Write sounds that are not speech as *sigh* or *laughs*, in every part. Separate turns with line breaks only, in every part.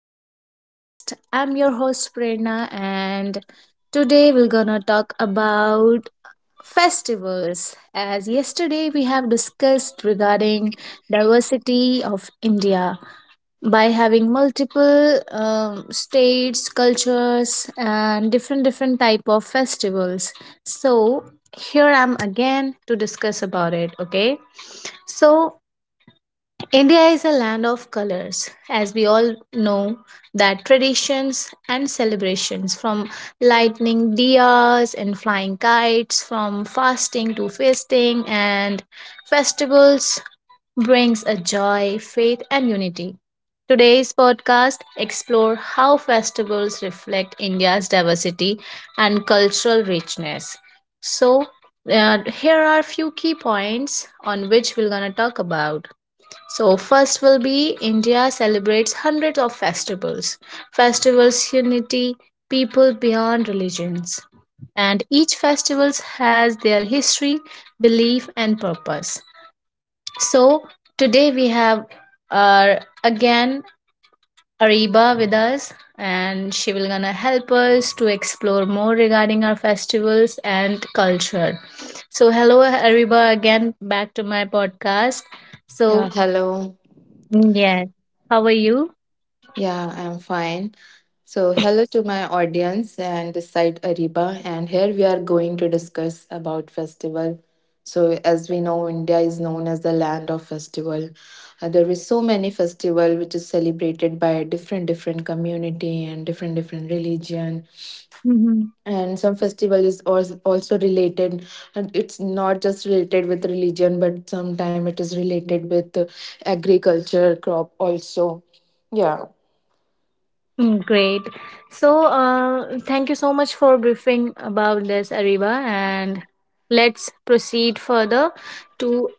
my podcast. I'm your host, Prerna, and today we're gonna talk about festivals. As yesterday we have discussed regarding diversity of India by having multiple states, cultures, and different type of festivals. So here I'm again to discuss about it. Okay, so India is a land of colors, as we all know that traditions and celebrations from lightning diyas and flying kites, from fasting to feasting and festivals brings a joy, faith and unity. Today's podcast explore how festivals reflect India's diversity and cultural richness. So, here are few key points on which we're going to talk about. So first will be India celebrates hundreds of festivals. Festivals unity people beyond religions. And each festivals has their history, belief and purpose. So today we have our again Ariba with us and she will gonna help us to explore more regarding our festivals and culture. So hello Ariba again back to my podcast. So,
Yeah, hello.
mm, yes. How are you?
Yeah, I'm fine. So, hello to my audience and this side Ariba and here we are going to discuss about festival. So, as we know, India is known as the land of festival. There is so many festival which is celebrated by different different community and different different religion
Mhm.
and some festival is also related and it's not just related with religion but sometime it is related with agriculture crop also yeah
Mm, great. So, thank you so much for briefing about this, Ariba, and let's proceed further to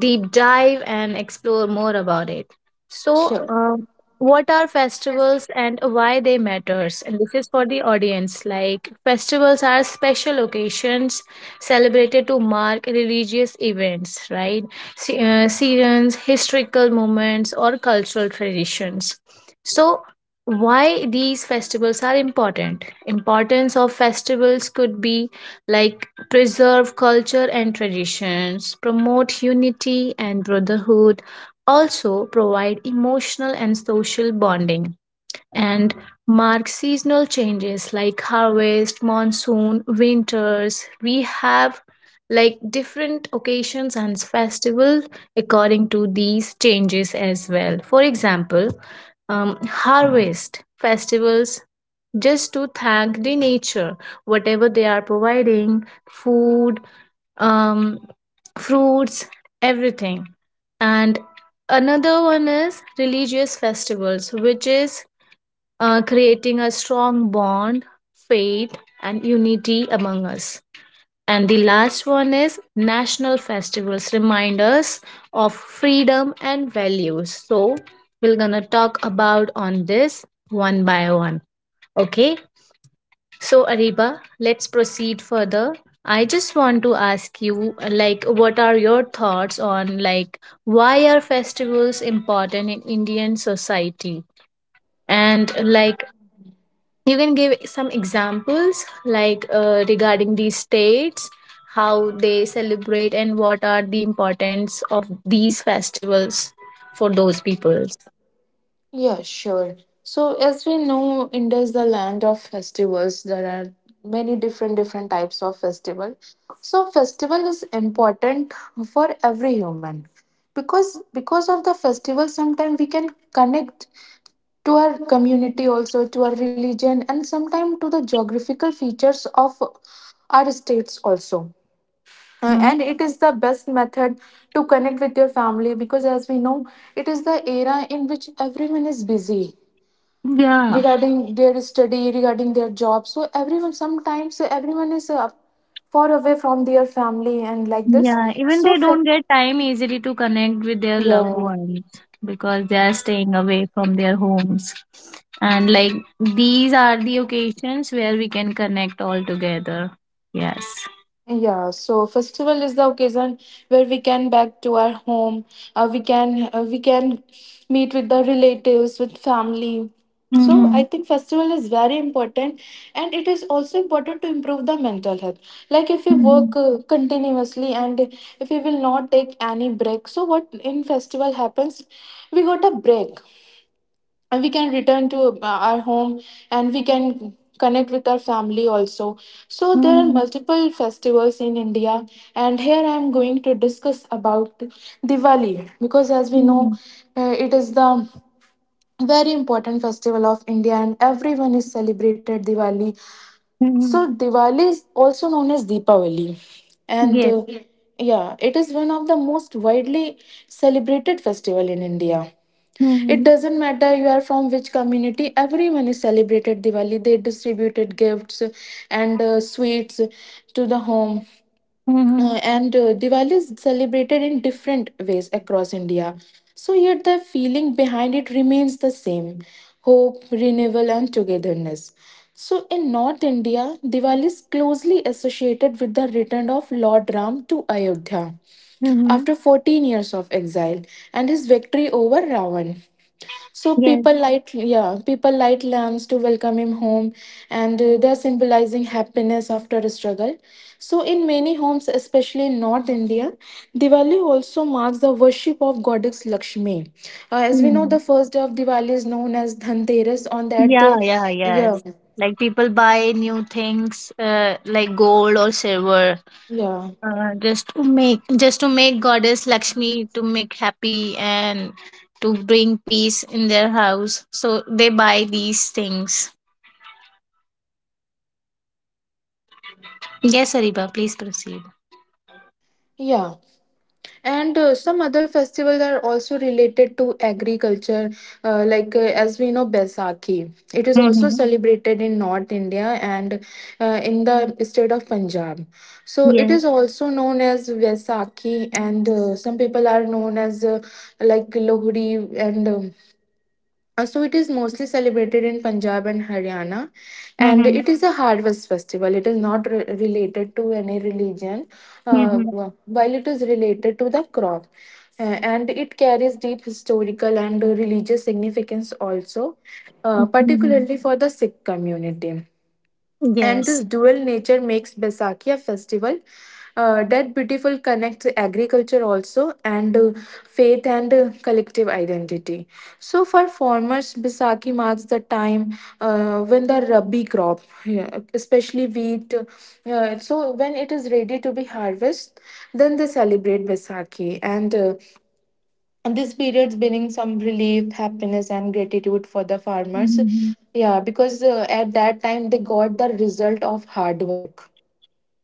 deep dive and explore more about it. So,
sure
what are festivals and why they matters? And this is for the audience. Like festivals are special occasions celebrated to mark religious events, right? Seasons, historical moments, or cultural traditions. So, why these festivals are important? Importance of festivals could be like preserve culture and traditions, promote unity and brotherhood, also provide emotional and social bonding, and mark seasonal changes like harvest, monsoon, winters. We have like different occasions and festivals according to these changes as well. For example, um, harvest festivals just to thank the nature whatever they are providing food, um fruits, everything. And another one is religious festivals which is creating a strong bond, faith and unity among us. And the last one is national festivals remind us of freedom and values, so we're gonna talk about on this one by one. Okay, so, Ariba, let's proceed further. I just want to ask you, like, what are your thoughts on, like, why are festivals important in Indian society? And, like, you can give some examples, like, regarding these states, how they celebrate, and what are the importance of these festivals for those peoples.
yeah sure so as we know India is the land of festivals. There are many different different types of festival, so festival is important for every human because of the festival. Sometimes we can connect to our community, also to our religion, and sometimes to the geographical features of our states also. Uh,
Mm-hmm.
and it is the best method to connect with your family because as we know it is the era in which everyone is busy
Yeah.
regarding their study, regarding their job. So everyone sometimes everyone is far away from their family and like this
Yeah, even
so
they don't get time easily to connect with their loved
yeah.
ones because they are staying away from their homes. And like these are the occasions where we can connect all together. Yes.
Yeah, so festival is the occasion where we can back to our home. We can meet with the relatives, with family. So I
Mhm.
think festival is very important, and it is also important to improve the mental health. Like if we
Mhm.
work continuously and if we will not take any break, so what in festival happens? We got a break and we can return to our home and we can connect with our family also. So there are
Mhm.
multiple festivals in India, and here I am going to discuss about Diwali, because as we know
Mhm.
it is the very important festival of India and everyone is celebrated Diwali. So
Mhm.
Diwali is also known as Deepavali, and
Yes.
yes. Yeah, it is one of the most widely celebrated festival in India. It
Mhm.
doesn't matter you are from which community. Everyone is celebrated Diwali. They distributed gifts and sweets to the home.
Mhm.
And Diwali is celebrated in different ways across India. So, yet the feeling behind it remains the same: hope, renewal, and togetherness. So, in North India, Diwali is closely associated with the return of Lord Ram to Ayodhya
Mhm.
after 14 years of exile and his victory over Ravan. So
Yes.
people light, yeah, people light lamps to welcome him home, and they're symbolizing happiness after a struggle. So in many homes, especially in North India, Diwali also marks the worship of goddess Lakshmi. As we know,
Mhm.
the first day of Diwali is known as Dhanteras. On that
Yeah,
day,
yeah,
yeah,
yes. Like people buy new things, like gold or silver,
yeah,
just to make goddess Lakshmi to make happy and to bring peace in their house, so they buy these things. Yes, Ariba, please proceed.
yeah. And some other festivals are also related to agriculture, as we know Baisakhi. It is also
Mm-hmm.
celebrated in North India and in the state of Punjab. So it
Yes.
is also known as Vaisakhi, and some people are known as like Lohri, and so it is mostly celebrated in Punjab and Haryana, and
Mm-hmm.
it is a harvest festival. It is not related to any religion,
Mm-hmm.
while it is related to the crop. And it carries deep historical and religious significance also,
Mm-hmm.
particularly for the Sikh community. And
Yes.
this dual nature makes Baisakhi a festival that beautiful connects agriculture also and faith and collective identity. So for farmers, Baisakhi marks the time when the rabi crop, yeah, especially wheat, so when it is ready to be harvested, then they celebrate Baisakhi, and this period brings some relief, happiness, and gratitude for the farmers.
Mm-hmm.
Yeah, because at that time they got the result of hard work.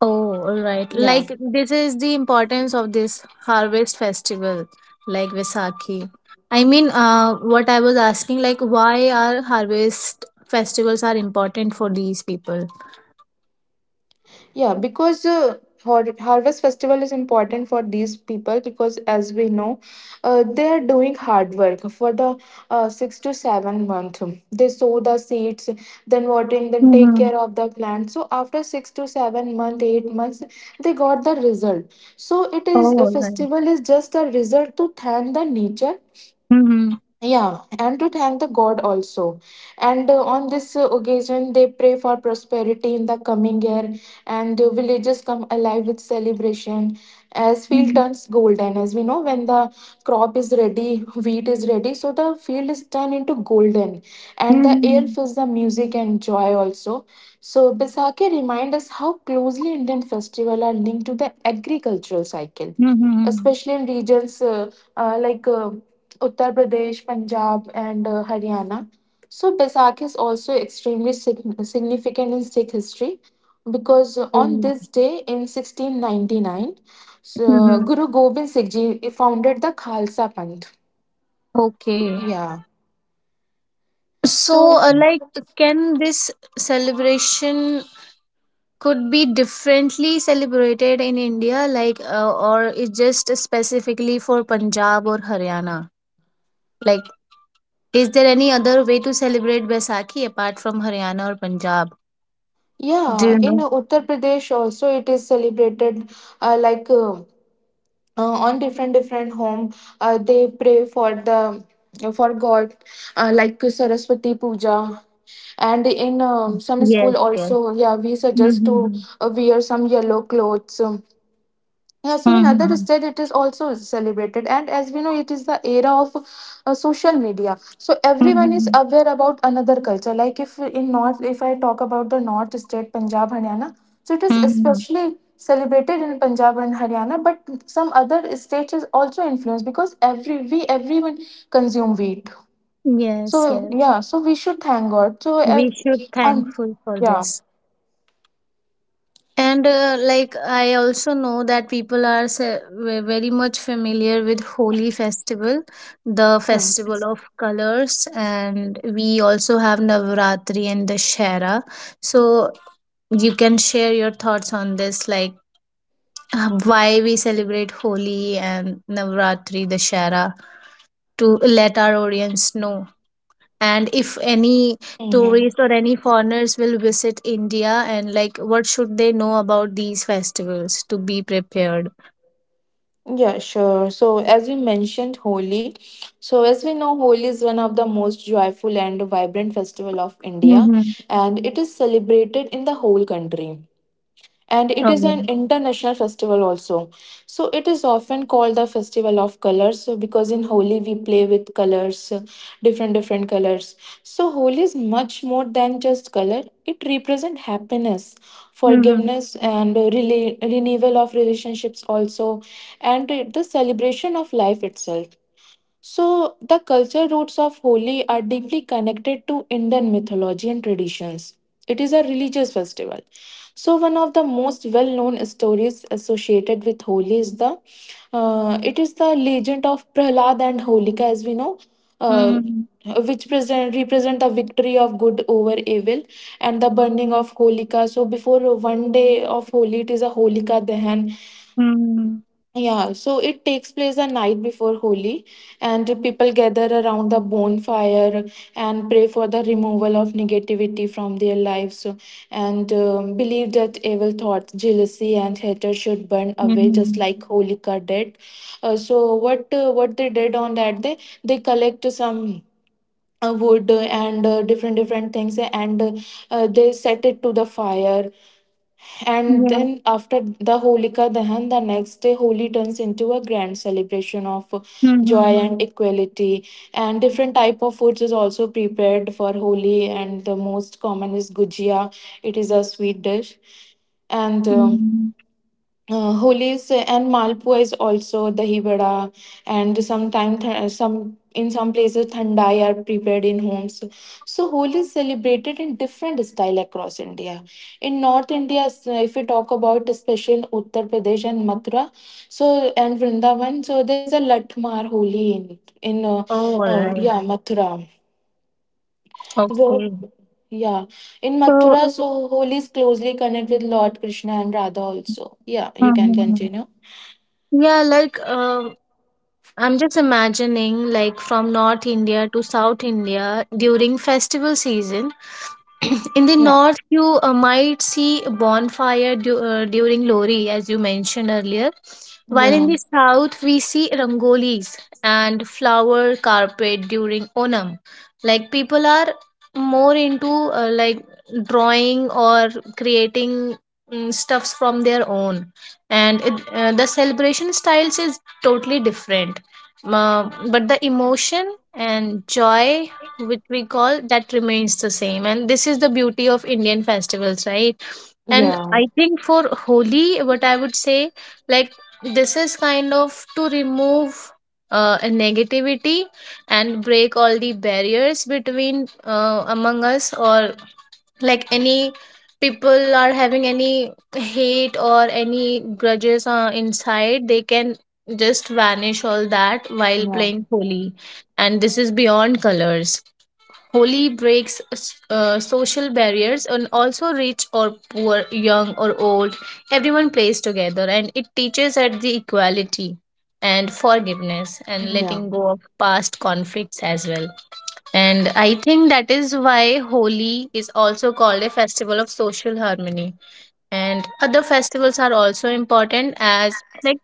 Oh, all right,
Yeah.
like this is the importance of this harvest festival like Vaisakhi. I mean, what I was asking, like, why are harvest festivals are important for these people?
Yeah, because harvest festival is important for these people because as we know, they are doing hard work for the 6 to 7 month. They sow the seeds, then watering, then take
Mhm.
care of the plant. So after 6 to 7 month, 8 months, they got the result. So it is a
Oh, nice.
festival is just a result to thank the nature,
Mhm.
yeah, and to thank the God also. And on this occasion, they pray for prosperity in the coming year, and villages come alive with celebration as field
Mhm.
turns golden. As we know, when the crop is ready, wheat is ready, so the field is turned into golden, and the air
Mhm.
fills the music and joy also. So Baisakhi remind us how closely Indian festival are linked to the agricultural cycle,
Mhm.
especially in regions like Uttar Pradesh, Punjab, and Haryana. So, Basak is also extremely significant in Sikh history because on
Oh.
this day in 1699, so
Mhm.
Guru Gobind Singh Ji founded the Khalsa Panth.
Okay.
Yeah.
So,
So,
like, can this celebration could be differently celebrated in India, like, or is just specifically for Punjab or Haryana? Like, is there any other way to celebrate Baisakhi apart from Haryana or Punjab? Do
yeah,
you
in
know?
Uttar Pradesh also it is celebrated uh, like uh, on different different home. They pray for the for God, like Saraswati Puja, and in some
Yes,
school
yes.
also, yeah, we suggest to
Mm-hmm.
wear some yellow clothes. Yeah, so in other
Mm-hmm.
state it is also celebrated, and as we know it is the era of social media, so everyone is
Mm-hmm.
aware about another culture. Like if in north, if I talk about the north state Punjab Haryana, so it is
Mm-hmm.
especially celebrated in Punjab and Haryana, but some other states is also influenced because everyone consume wheat.
Yes,
So
yes.
yeah, so we should thank God. So
We should
and
thankful for
Yeah.
this. And like, I also know that people are very much familiar with Holi festival, the
Yeah.
festival of colors, and we also have Navratri and Dashera. So you can share your thoughts on this, like, why we celebrate Holi and Navratri Dashera to let our audience know, and if any
Mm-hmm.
tourists or any foreigners will visit India, and like what should they know about these festivals to be prepared.
Yeah, sure. So, as you mentioned, Holi. So, as we know, Holi is one of the most joyful and vibrant festival of India,
Mm-hmm.
and it is celebrated in the whole country, and it is an
Alright.
international festival also. So it is often called the festival of colors, so because in Holi we play with colors, different different colors. So Holi is much more than just color. It represents happiness,
Mm-hmm.
forgiveness, and renewal of relationships also, and the celebration of life itself. So, the culture roots of Holi are deeply connected to Indian mythology and traditions. It is a religious festival. So, one of the most well-known stories associated with Holi is the legend of Prahlad and Holika, as we know, uh,
Mm-hmm.
which represent the victory of good over evil and the burning of Holika. So, before one day of Holi, it is a Holika Dahan,
Mm-hmm.
yeah, so it takes place the night before Holi, and people gather around the bonfire and pray for the removal of negativity from their lives, and believe that evil thoughts, jealousy, and hatred should burn away just
Mm-hmm.
like Holika did. So what they did on that day, they collect some. Wood and different different things, and they set it to the fire, and
Yeah.
then after the Holika Dahan, the next day Holi turns into a grand celebration of joy
Mm-hmm.
and equality. And different type of foods is also prepared for Holi. And the most common is gujia. It is a sweet dish. And
Mm-hmm.
holis and malpua is also dahi vada, and sometimes th- some in some places thandai are prepared in homes. So Holi is celebrated in different style across India. In North India, if we talk about, especially in Uttar Pradesh and Mathura, so and Vrindavan, so there is a Latmar Holi in in uh,
Oh,
oh,
alright.
yeah, Mathura. Where-
Okay.
yeah, in
So.
Mathura, so Holi is closely connected with Lord Krishna and Radha also. Yeah, you can
Mm-hmm.
continue.
Yeah, like I'm just imagining, like, from North India to South India during festival season, *clears throat* in the
Yeah,
north you might see a bonfire during Lori as you mentioned earlier, while in
yeah,
the south we see rangolis and flower carpet during Onam, like people are more into, like, drawing or creating, stuffs from their own. And the celebration styles is totally different. Uh, but the emotion and joy which we call that remains the same, and this is the beauty of Indian festivals, right? And
yeah,
I think for Holi, what I would say, like, this is kind of to remove a negativity and break all the barriers between, among us, or like any people are having any hate or any grudges, inside, they can just vanish all that while
yeah,
playing Holi. And this is beyond colors. Holi breaks social barriers, and also rich or poor, young or old. Everyone plays together and it teaches at the equality and forgiveness and
yeah,
letting go of past conflicts as well. And I think that is why Holi is also called a festival of social harmony. And other festivals are also important as like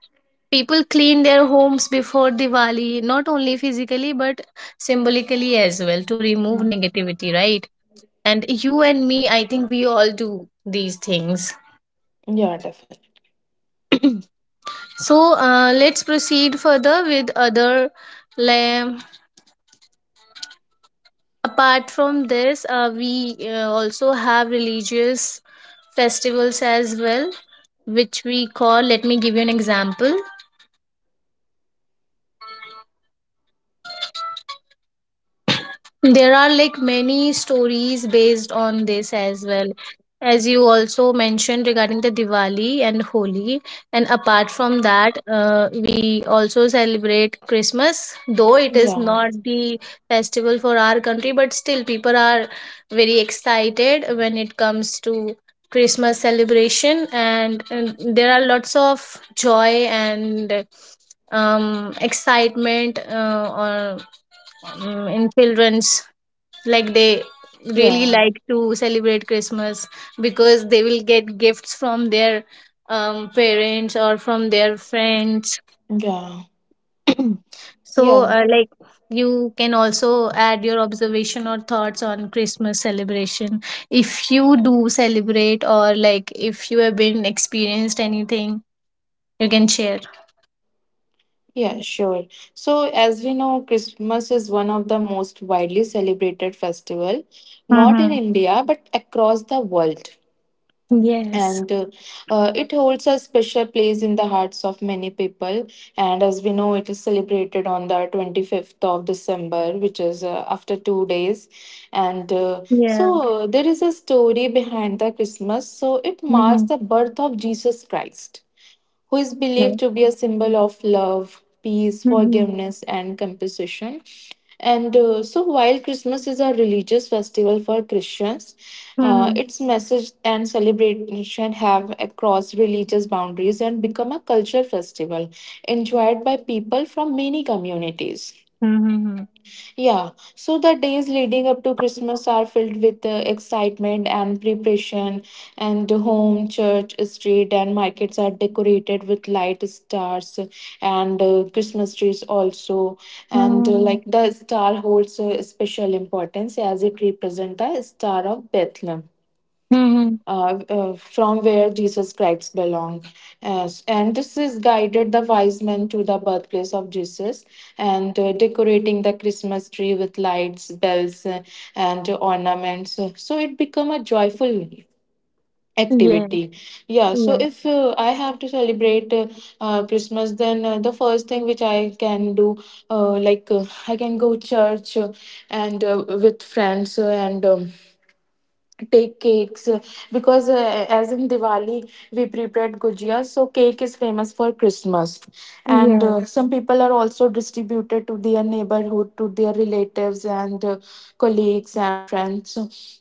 people clean their homes before Diwali, not only physically but symbolically as well to remove
yeah,
negativity, right? And you and me, I think we all do these things.
yeah, definitely.
*clears throat* So let's proceed further with other. Like, apart from this, we also have religious festivals as well, which we call. Let me give you an example. There are like many stories based on this as well, as you also mentioned regarding the Diwali and Holi. And apart from that we also celebrate Christmas, though it is
Yeah,
not the festival for our country, but still people are very excited when it comes to Christmas celebration. And there are lots of joy and excitement, or, in children's, like they really
yeah,
like to celebrate Christmas because they will get gifts from their parents or from their friends.
yeah,
*clears throat* So,
yeah,
like, you can also add your observation or thoughts on Christmas celebration, if you do celebrate, or like if you have been experienced anything, you can share.
yeah, sure. So, as we know, Christmas is one of the most widely celebrated festival, not in
Mm-hmm.
India but across the world.
Yes.
And It holds a special place in the hearts of many people, and as we know it is celebrated on the 25th of December, which is after 2 days. And so
Yeah.
There is a story behind the Christmas, so it marks
Mm-hmm.
the birth of Jesus Christ, who is
Yeah.
believed to be a symbol of love, peace,
Mm-hmm.
forgiveness, and compassion. And so, while Christmas is a religious festival for Christians,
Mm-hmm.
its message and celebration have across religious boundaries and become a cultural festival enjoyed by people from many communities.
Mm-hmm.
Yeah, so the days leading up to Christmas are filled with excitement and preparation, and the home, church, street, and markets are decorated with light stars and Christmas trees also. And
Mm-hmm.
like the star holds a special importance as it represents the Star of Bethlehem from where Jesus Christ belonged. Yes, and this is guided the wise men to the birthplace of Jesus and decorating the Christmas tree with lights, bells, and ornaments. So it become a joyful
Mm-hmm.
activity. yeah so
Yeah.
if uh, i have to celebrate Christmas, then the first thing which I can do, I can go church, and with friends, and take cakes, because as in Diwali we prepared gujiya, so cake is famous for Christmas. And
Yeah.
some people are also distributed to their neighborhood, to their relatives, and colleagues and friends.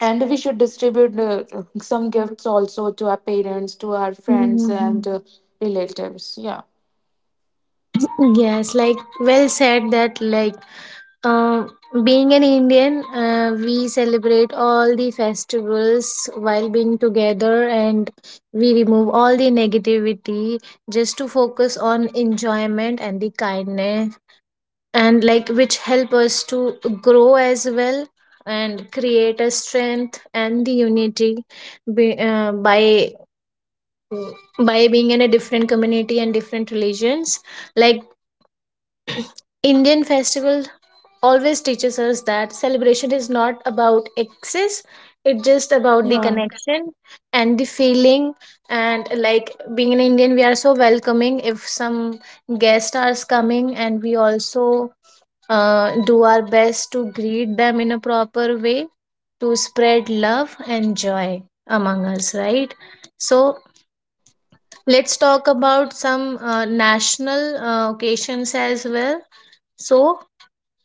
And we should distribute some gifts also to our parents, to our friends,
Mm-hmm.
and relatives. Yeah.
Yes, like well said that, like, um being an Indian, we celebrate all the festivals while being together, and we remove all the negativity just to focus on enjoyment and the kindness, and like which help us to grow as well, and create a strength and the unity be, by Mm. by being in a different community and different religions. Like Indian festival always teaches us that celebration is not about excess, it's just about the
Yeah.
connection and the feeling. And like being an Indian, we are so welcoming if some guest are coming, and we also do our best to greet them in a proper way to spread love and joy among us, right? So let's talk about some national occasions as well. So,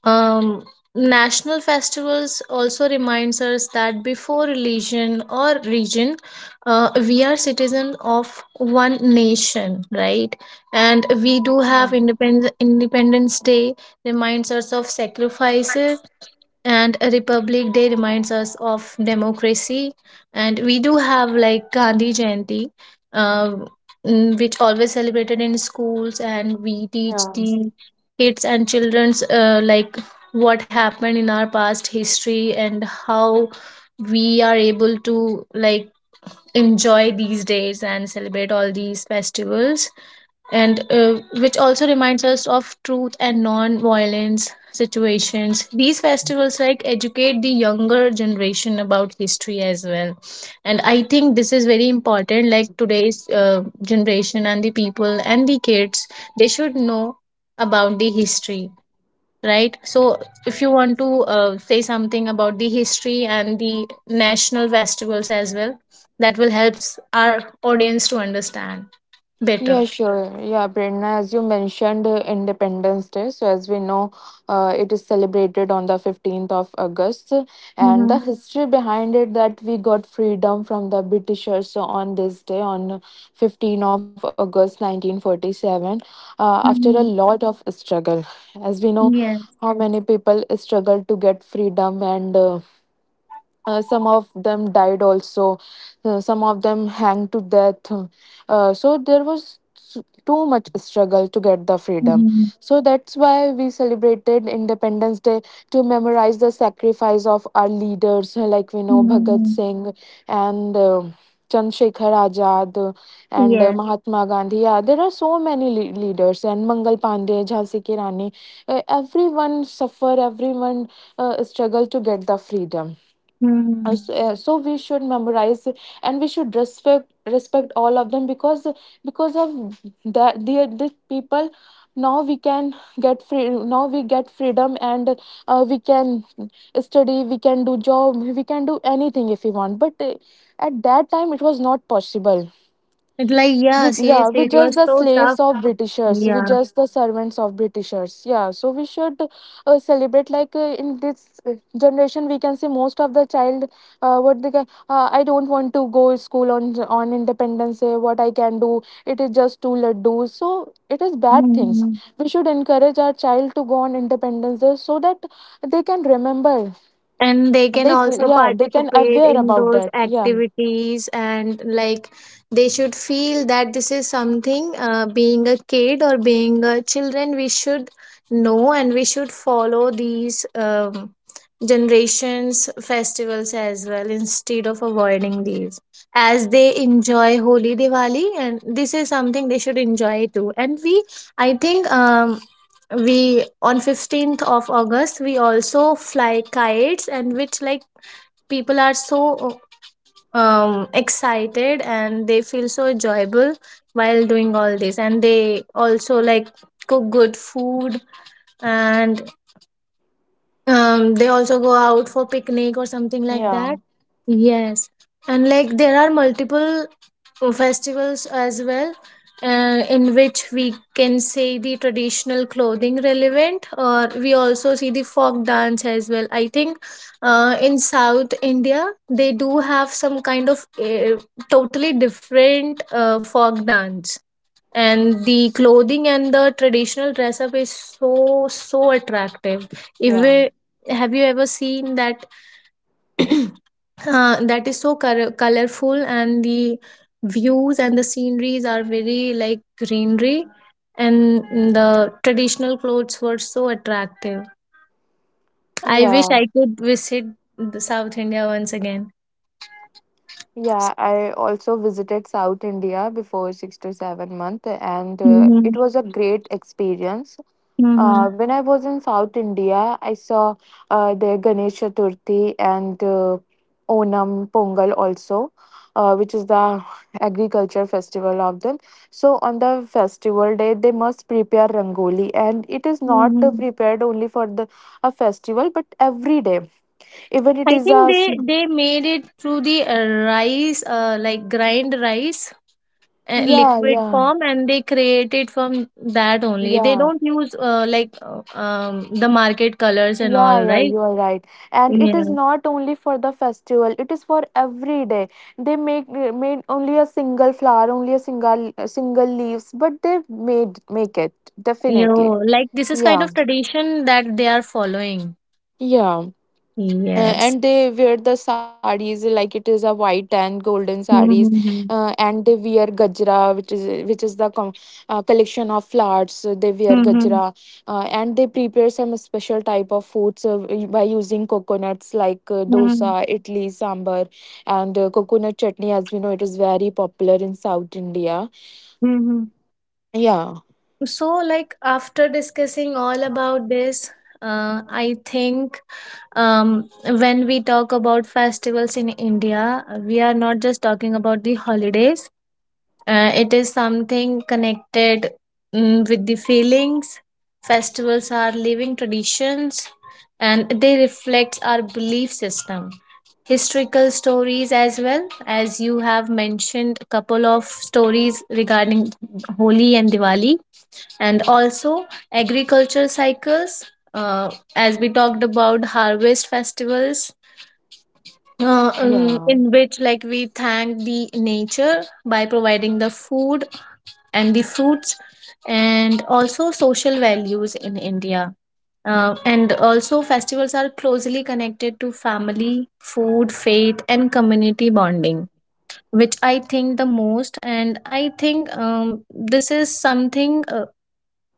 um, national festivals also reminds us that before religion or region, we are citizens of one nation, right? And we do have
Yeah.
Independence Day reminds us of sacrifices, and a Republic Day reminds us of democracy, and we do have like Gandhi Jayanti, uh, which always celebrated in schools, and we teach
Yeah.
the kids and children's, like, what happened in our past history and how we are able to like enjoy these days and celebrate all these festivals. And which also reminds us of truth and non-violence situations. These festivals like educate the younger generation about history as well, and I think this is very important, like today's generation and the people and the kids, they should know about the history, right? So if you want to say something about the history and the national festivals as well, that will help our audience to understand
Yeah,
better.
sure. Yeah, Prerna, as you mentioned, Independence Day. So, as we know, it is celebrated on the 15th of August. And the history behind it that we got freedom from the Britishers on this day, on 15th of August 1947, after a
Mhm.
lot of struggle. As we know,
Yes.
how many people struggled to get freedom, and some of them died also. Some of them hanged to death. So there was too much struggle to get the freedom.
Mhm.
So that's why we celebrated Independence Day, to memorize the sacrifice of our leaders, like we know Bhagat
Mhm.
Singh and Chandrasekhar Azad and
Yes.
Mahatma Gandhi. Yeah, there are so many leaders, and Mangal Pandey, Jhansi Ki Rani. Everyone suffer, everyone struggle to get the freedom. uh, so,
Mhm.
uh, so we should memorize, and we should respect all of them, because of the people, now we can get free, now we get freedom, and we can study, we can do job, we can do anything if we want, but at that time it was not possible.
It's like, yeah,
Yeah,
seriously,
we
it
just
was
the
so tough.
slaves of Britishers. We
Yeah.
just the servants of Britishers. Yeah, so we should celebrate. Like in this generation we can see most of the child, what they can. I don't want to go school on Independence Day. What I can do, it is just to let do. So it is bad things.
Mhm.
We should encourage our child to go on Independence Day so that they can remember.
And they can
They,
also
yeah, they can
participate
aware
in
about
those
that. Yeah.
activities. And like, they should feel that this is something, being a kid or being a children, we should know and we should follow these generations festivals as well instead of avoiding these as they enjoy Holi, Diwali. And this is something they should enjoy too. And we I think we on 15th of August we also fly kites, and which like people are so, um, excited and they feel so enjoyable while doing all this. And they also like cook good food and, um, they also go out for picnic or something like
Yeah.
that. Yes. And like there are multiple festivals as well, in which we can say the traditional clothing relevant, or we also see the folk dance as well. I think in South India they do have some kind of totally different folk dance, and the clothing and the traditional dress up is so, so attractive. If
Yeah.
we, have you ever seen that? That is so colorful, and the views and the sceneries are very like greenery, and the traditional clothes were so attractive. I wish
Yeah.
I could visit the South India once again.
Yeah, I also visited South India before 6 to 7 months, and
Hmm.
it was a great experience.
Hmm.
When I was in South India, I saw the Ganesh Chaturthi and Onam Pongal also, which is the agriculture festival of them. So on the festival day, they must prepare rangoli, and it is not
Hmm.
prepared only for the a festival, but every day. Even it
I
is a
think they made it through the rice, like grind rice
yeah,
liquid
yeah,
form, and they create it from that only. They
yeah.
don't use, like, the market colors and
Yeah,
all,
yeah,
right?
you are right. And it is
Yeah.
not only for the festival, it is for every day. They make made only a single flower, only a single leaves, but they made make it definitely.
You, like, this is kind
Yeah.
of tradition that they are following.
Yeah. Uh,
Yes.
and they wear the sarees, like it is a white and golden sarees.
Mm-hmm.
And they wear gajra, which is which is the com- collection of flowers. So they wear
Mm-hmm.
gajra and they prepare some special type of foods, by using coconuts, like
Mm-hmm.
dosa, idli, sambar, and coconut chutney, as we know it is very popular in South India.
Mm-hmm.
Yeah.
So, like, after discussing all about this, I think, um, when we talk about festivals in India, we are not just talking about the holidays. It is something connected, mm, with the feelings. Festivals are living traditions, and they reflect our belief system. Historical stories, as well as you have mentioned a couple of stories regarding Holi and Diwali, and also agriculture cycles, uh, as we talked about harvest festivals,
Yeah.
in which like we thank the nature by providing the food and the fruits, and also social values in India. And also, festivals are closely connected to family, food, faith, and community bonding, which I think the most. And I think, this is something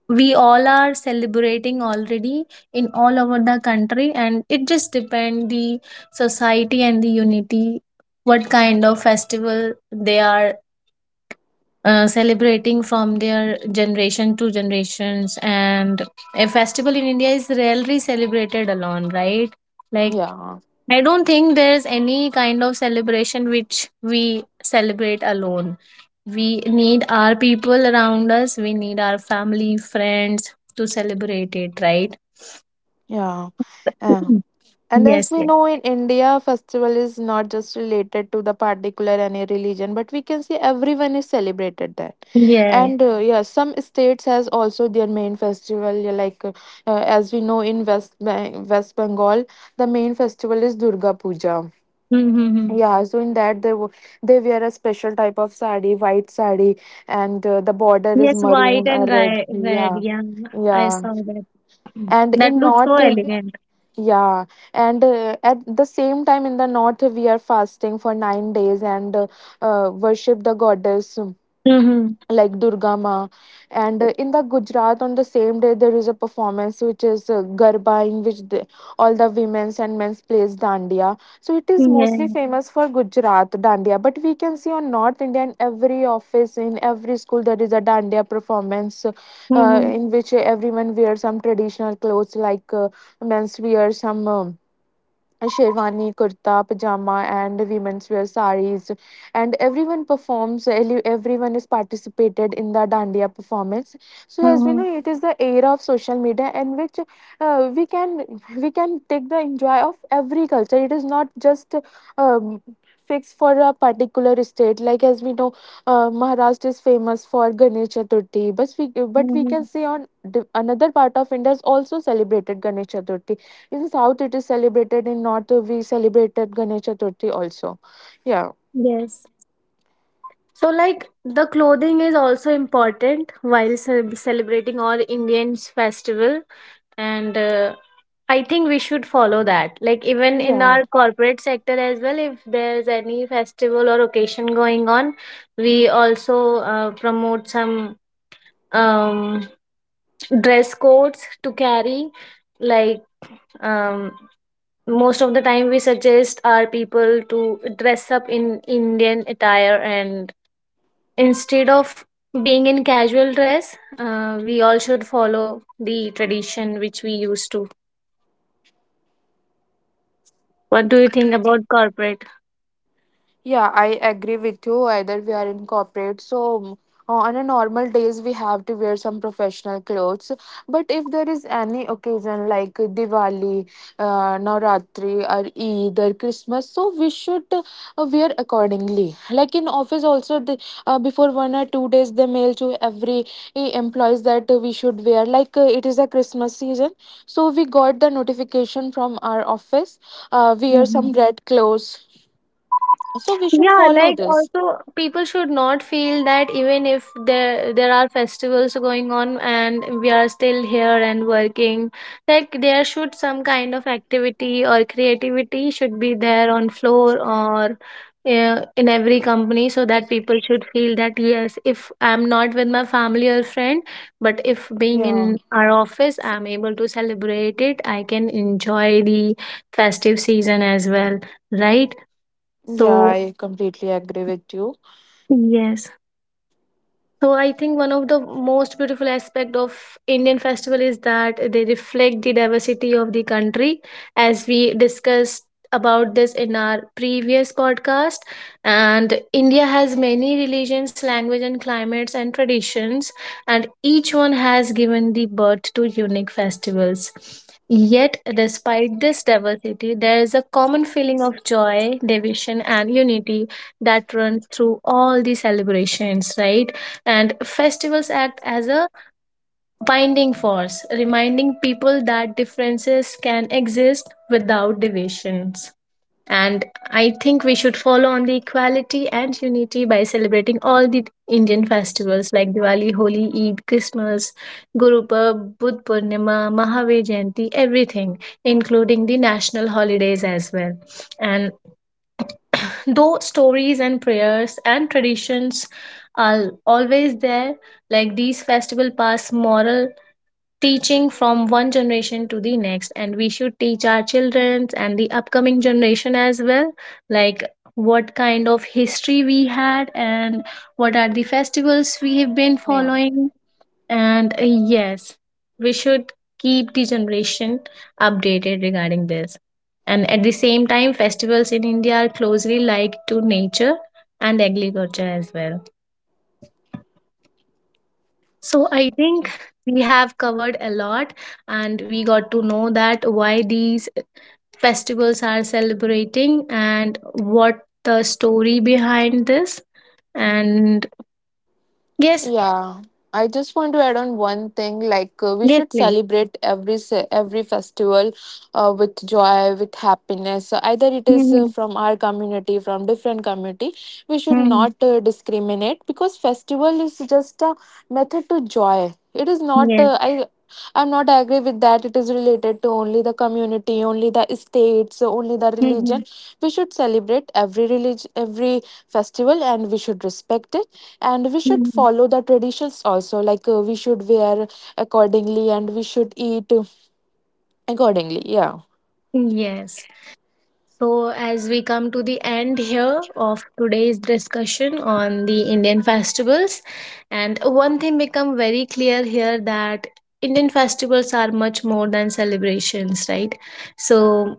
we all are celebrating already in all over the country, and it just depend the society and the unity what kind of festival they are celebrating from their generation to generations. And a festival in India is rarely celebrated alone, right? Like,
Yeah.
I don't think there's any kind of celebration which we celebrate alone. We need our people around us, we need our family, friends to celebrate it, right?
Yeah. Uh,
Mhm.
and as
Yes,
we
yes.
know in India, festival is not just related to the particular any religion, but we can see everyone is celebrated there.
*laughs* Yeah.
And yeah, some states has also their main festival. Yeah. Like as we know, in West Bengal, the main festival is Durga Puja.
Mm-hmm.
Yeah, so in that they they wear a special type of sari, white sari, and the border is
Yes, white
maroon or
and
red.
red,
Yeah,
yeah. I
yeah.
saw that.
And
That
in
looks so
north,
elegant.
yeah, and at the same time in the north, we are fasting for 9 days, and worship the goddess
Mm-hmm.
like Durga Ma. And in the Gujarat, on the same day, there is a performance which is Garba, in which the, all the women's and men's plays Dandiya. So it is mostly
Yeah.
famous for Gujarat Dandiya. But we can see on North India, in every office, in every school, there is a Dandiya performance,
Mm-hmm.
in which everyone wears some traditional clothes, like men's wear some sherwani, kurta, pajama, and women's wear saris. And everyone performs, everyone is participated in the Dandiya performance. So as we
Mm-hmm.
know, it is the era of social media, in which uh, we can we can take the enjoy of every culture. It is not just um, fixed for a particular state. Like as we know, Maharashtra is famous for Ganesh Chaturthi, but we can
Mm-hmm.
see on another part of India is also celebrated Ganesh Chaturthi. In South, it is celebrated. In North, we celebrated Ganesh Chaturthi also. Yeah.
Yes. So, like, the clothing is also important while celebrating all Indians' festival, and I think we should follow that. Like, even in
Yeah.
our corporate sector as well, if there's any festival or occasion going on, we also promote some, um, dress codes to carry, like, um, most of the time we suggest our people to dress up in Indian attire, and instead of being in casual dress, we all should follow the tradition which we used to. What do you think about corporate?
Yeah, I agree with you. Either we are in corporate, so on a normal days we have to wear some professional clothes. But if there is any occasion like Diwali, Navratri, or Eid, or Christmas, so we should wear accordingly. Like in office also, the, before 1 or 2 days they mail to every employees that we should wear. Like it is a Christmas season, so we got the notification from our office. Wear some red clothes, so we should
Yeah,
follow
like,
this.
also people should not feel that even if there are festivals going on and we are still here and working, like there should some kind of activity or creativity should be there on floor, or in every company, so that people should feel that yes, if I'm not with my family or friend, but if being
Yeah,
in our office, I'm able to celebrate it. I can enjoy the festive season as well, right?
yeah,
So,
I completely agree with you.
yes, so I think one of the most beautiful aspect of Indian festival is that they reflect the diversity of the country, as we discussed about this in our previous podcast. And India has many religions, language, and climates, and traditions, and each one has given the birth to unique festivals. Yet, despite this diversity, there is a common feeling of joy, division, and unity that runs through all the celebrations, right? And festivals act as a binding force, reminding people that differences can exist without divisions. And I think we should follow on the equality and unity by celebrating all the Indian festivals like Diwali, Holi, Eid, Christmas, Guru Purb, Budh Purnima, Mahavir Jayanti, everything, including the national holidays as well. And though stories and prayers and traditions are always there, like these festival pass moral teaching from one generation to the next, and we should teach our children and the upcoming generation as well, like what kind of history we had, and what are the festivals we have been
Yeah.
following. And yes, we should keep the generation updated regarding this. And at the same time, festivals in India are closely linked to nature and agriculture as well. So I think we have covered a lot, and we got to know that why these festivals are celebrating and what the story behind this. And yes.
Yeah, I just want to add on one thing. Like we
Yes,
should
please.
celebrate every festival with joy, with happiness. Either it is
Mm-hmm.
from our community, from different community. We should not discriminate, because festival is just a method to joy. It is not
Yes.
I'm not agree with that, it is related to only the community, only the states, only the
Mm-hmm.
religion. We should celebrate every religion, every festival, and we should respect it, and we should follow the traditions also, like we should wear accordingly, and we should eat accordingly. Yeah.
Yes. So, as we come to the end here of today's discussion on the Indian festivals, and one thing become very clear here that Indian festivals are much more than celebrations, right? So,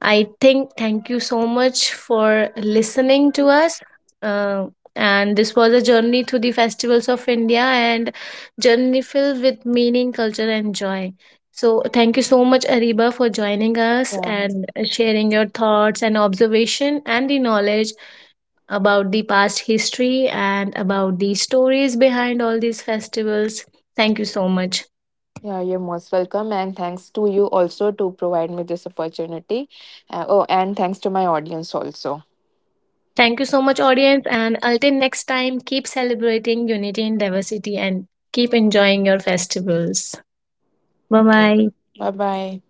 I think thank you so much for listening to us. Uh, and this was a journey through the festivals of India, and journey filled with meaning, culture, and joy. So thank you so much, Ariba, for joining us
Yeah.
and sharing your thoughts and observation and the knowledge about the past history and about the stories behind all these festivals. Thank you so much.
Yeah, you're most welcome, and thanks to you also to provide me this opportunity. Oh and thanks to my audience also.
Thank you so much, audience. And until next time, keep celebrating unity and diversity, and keep enjoying your festivals. Bye bye.
Bye bye.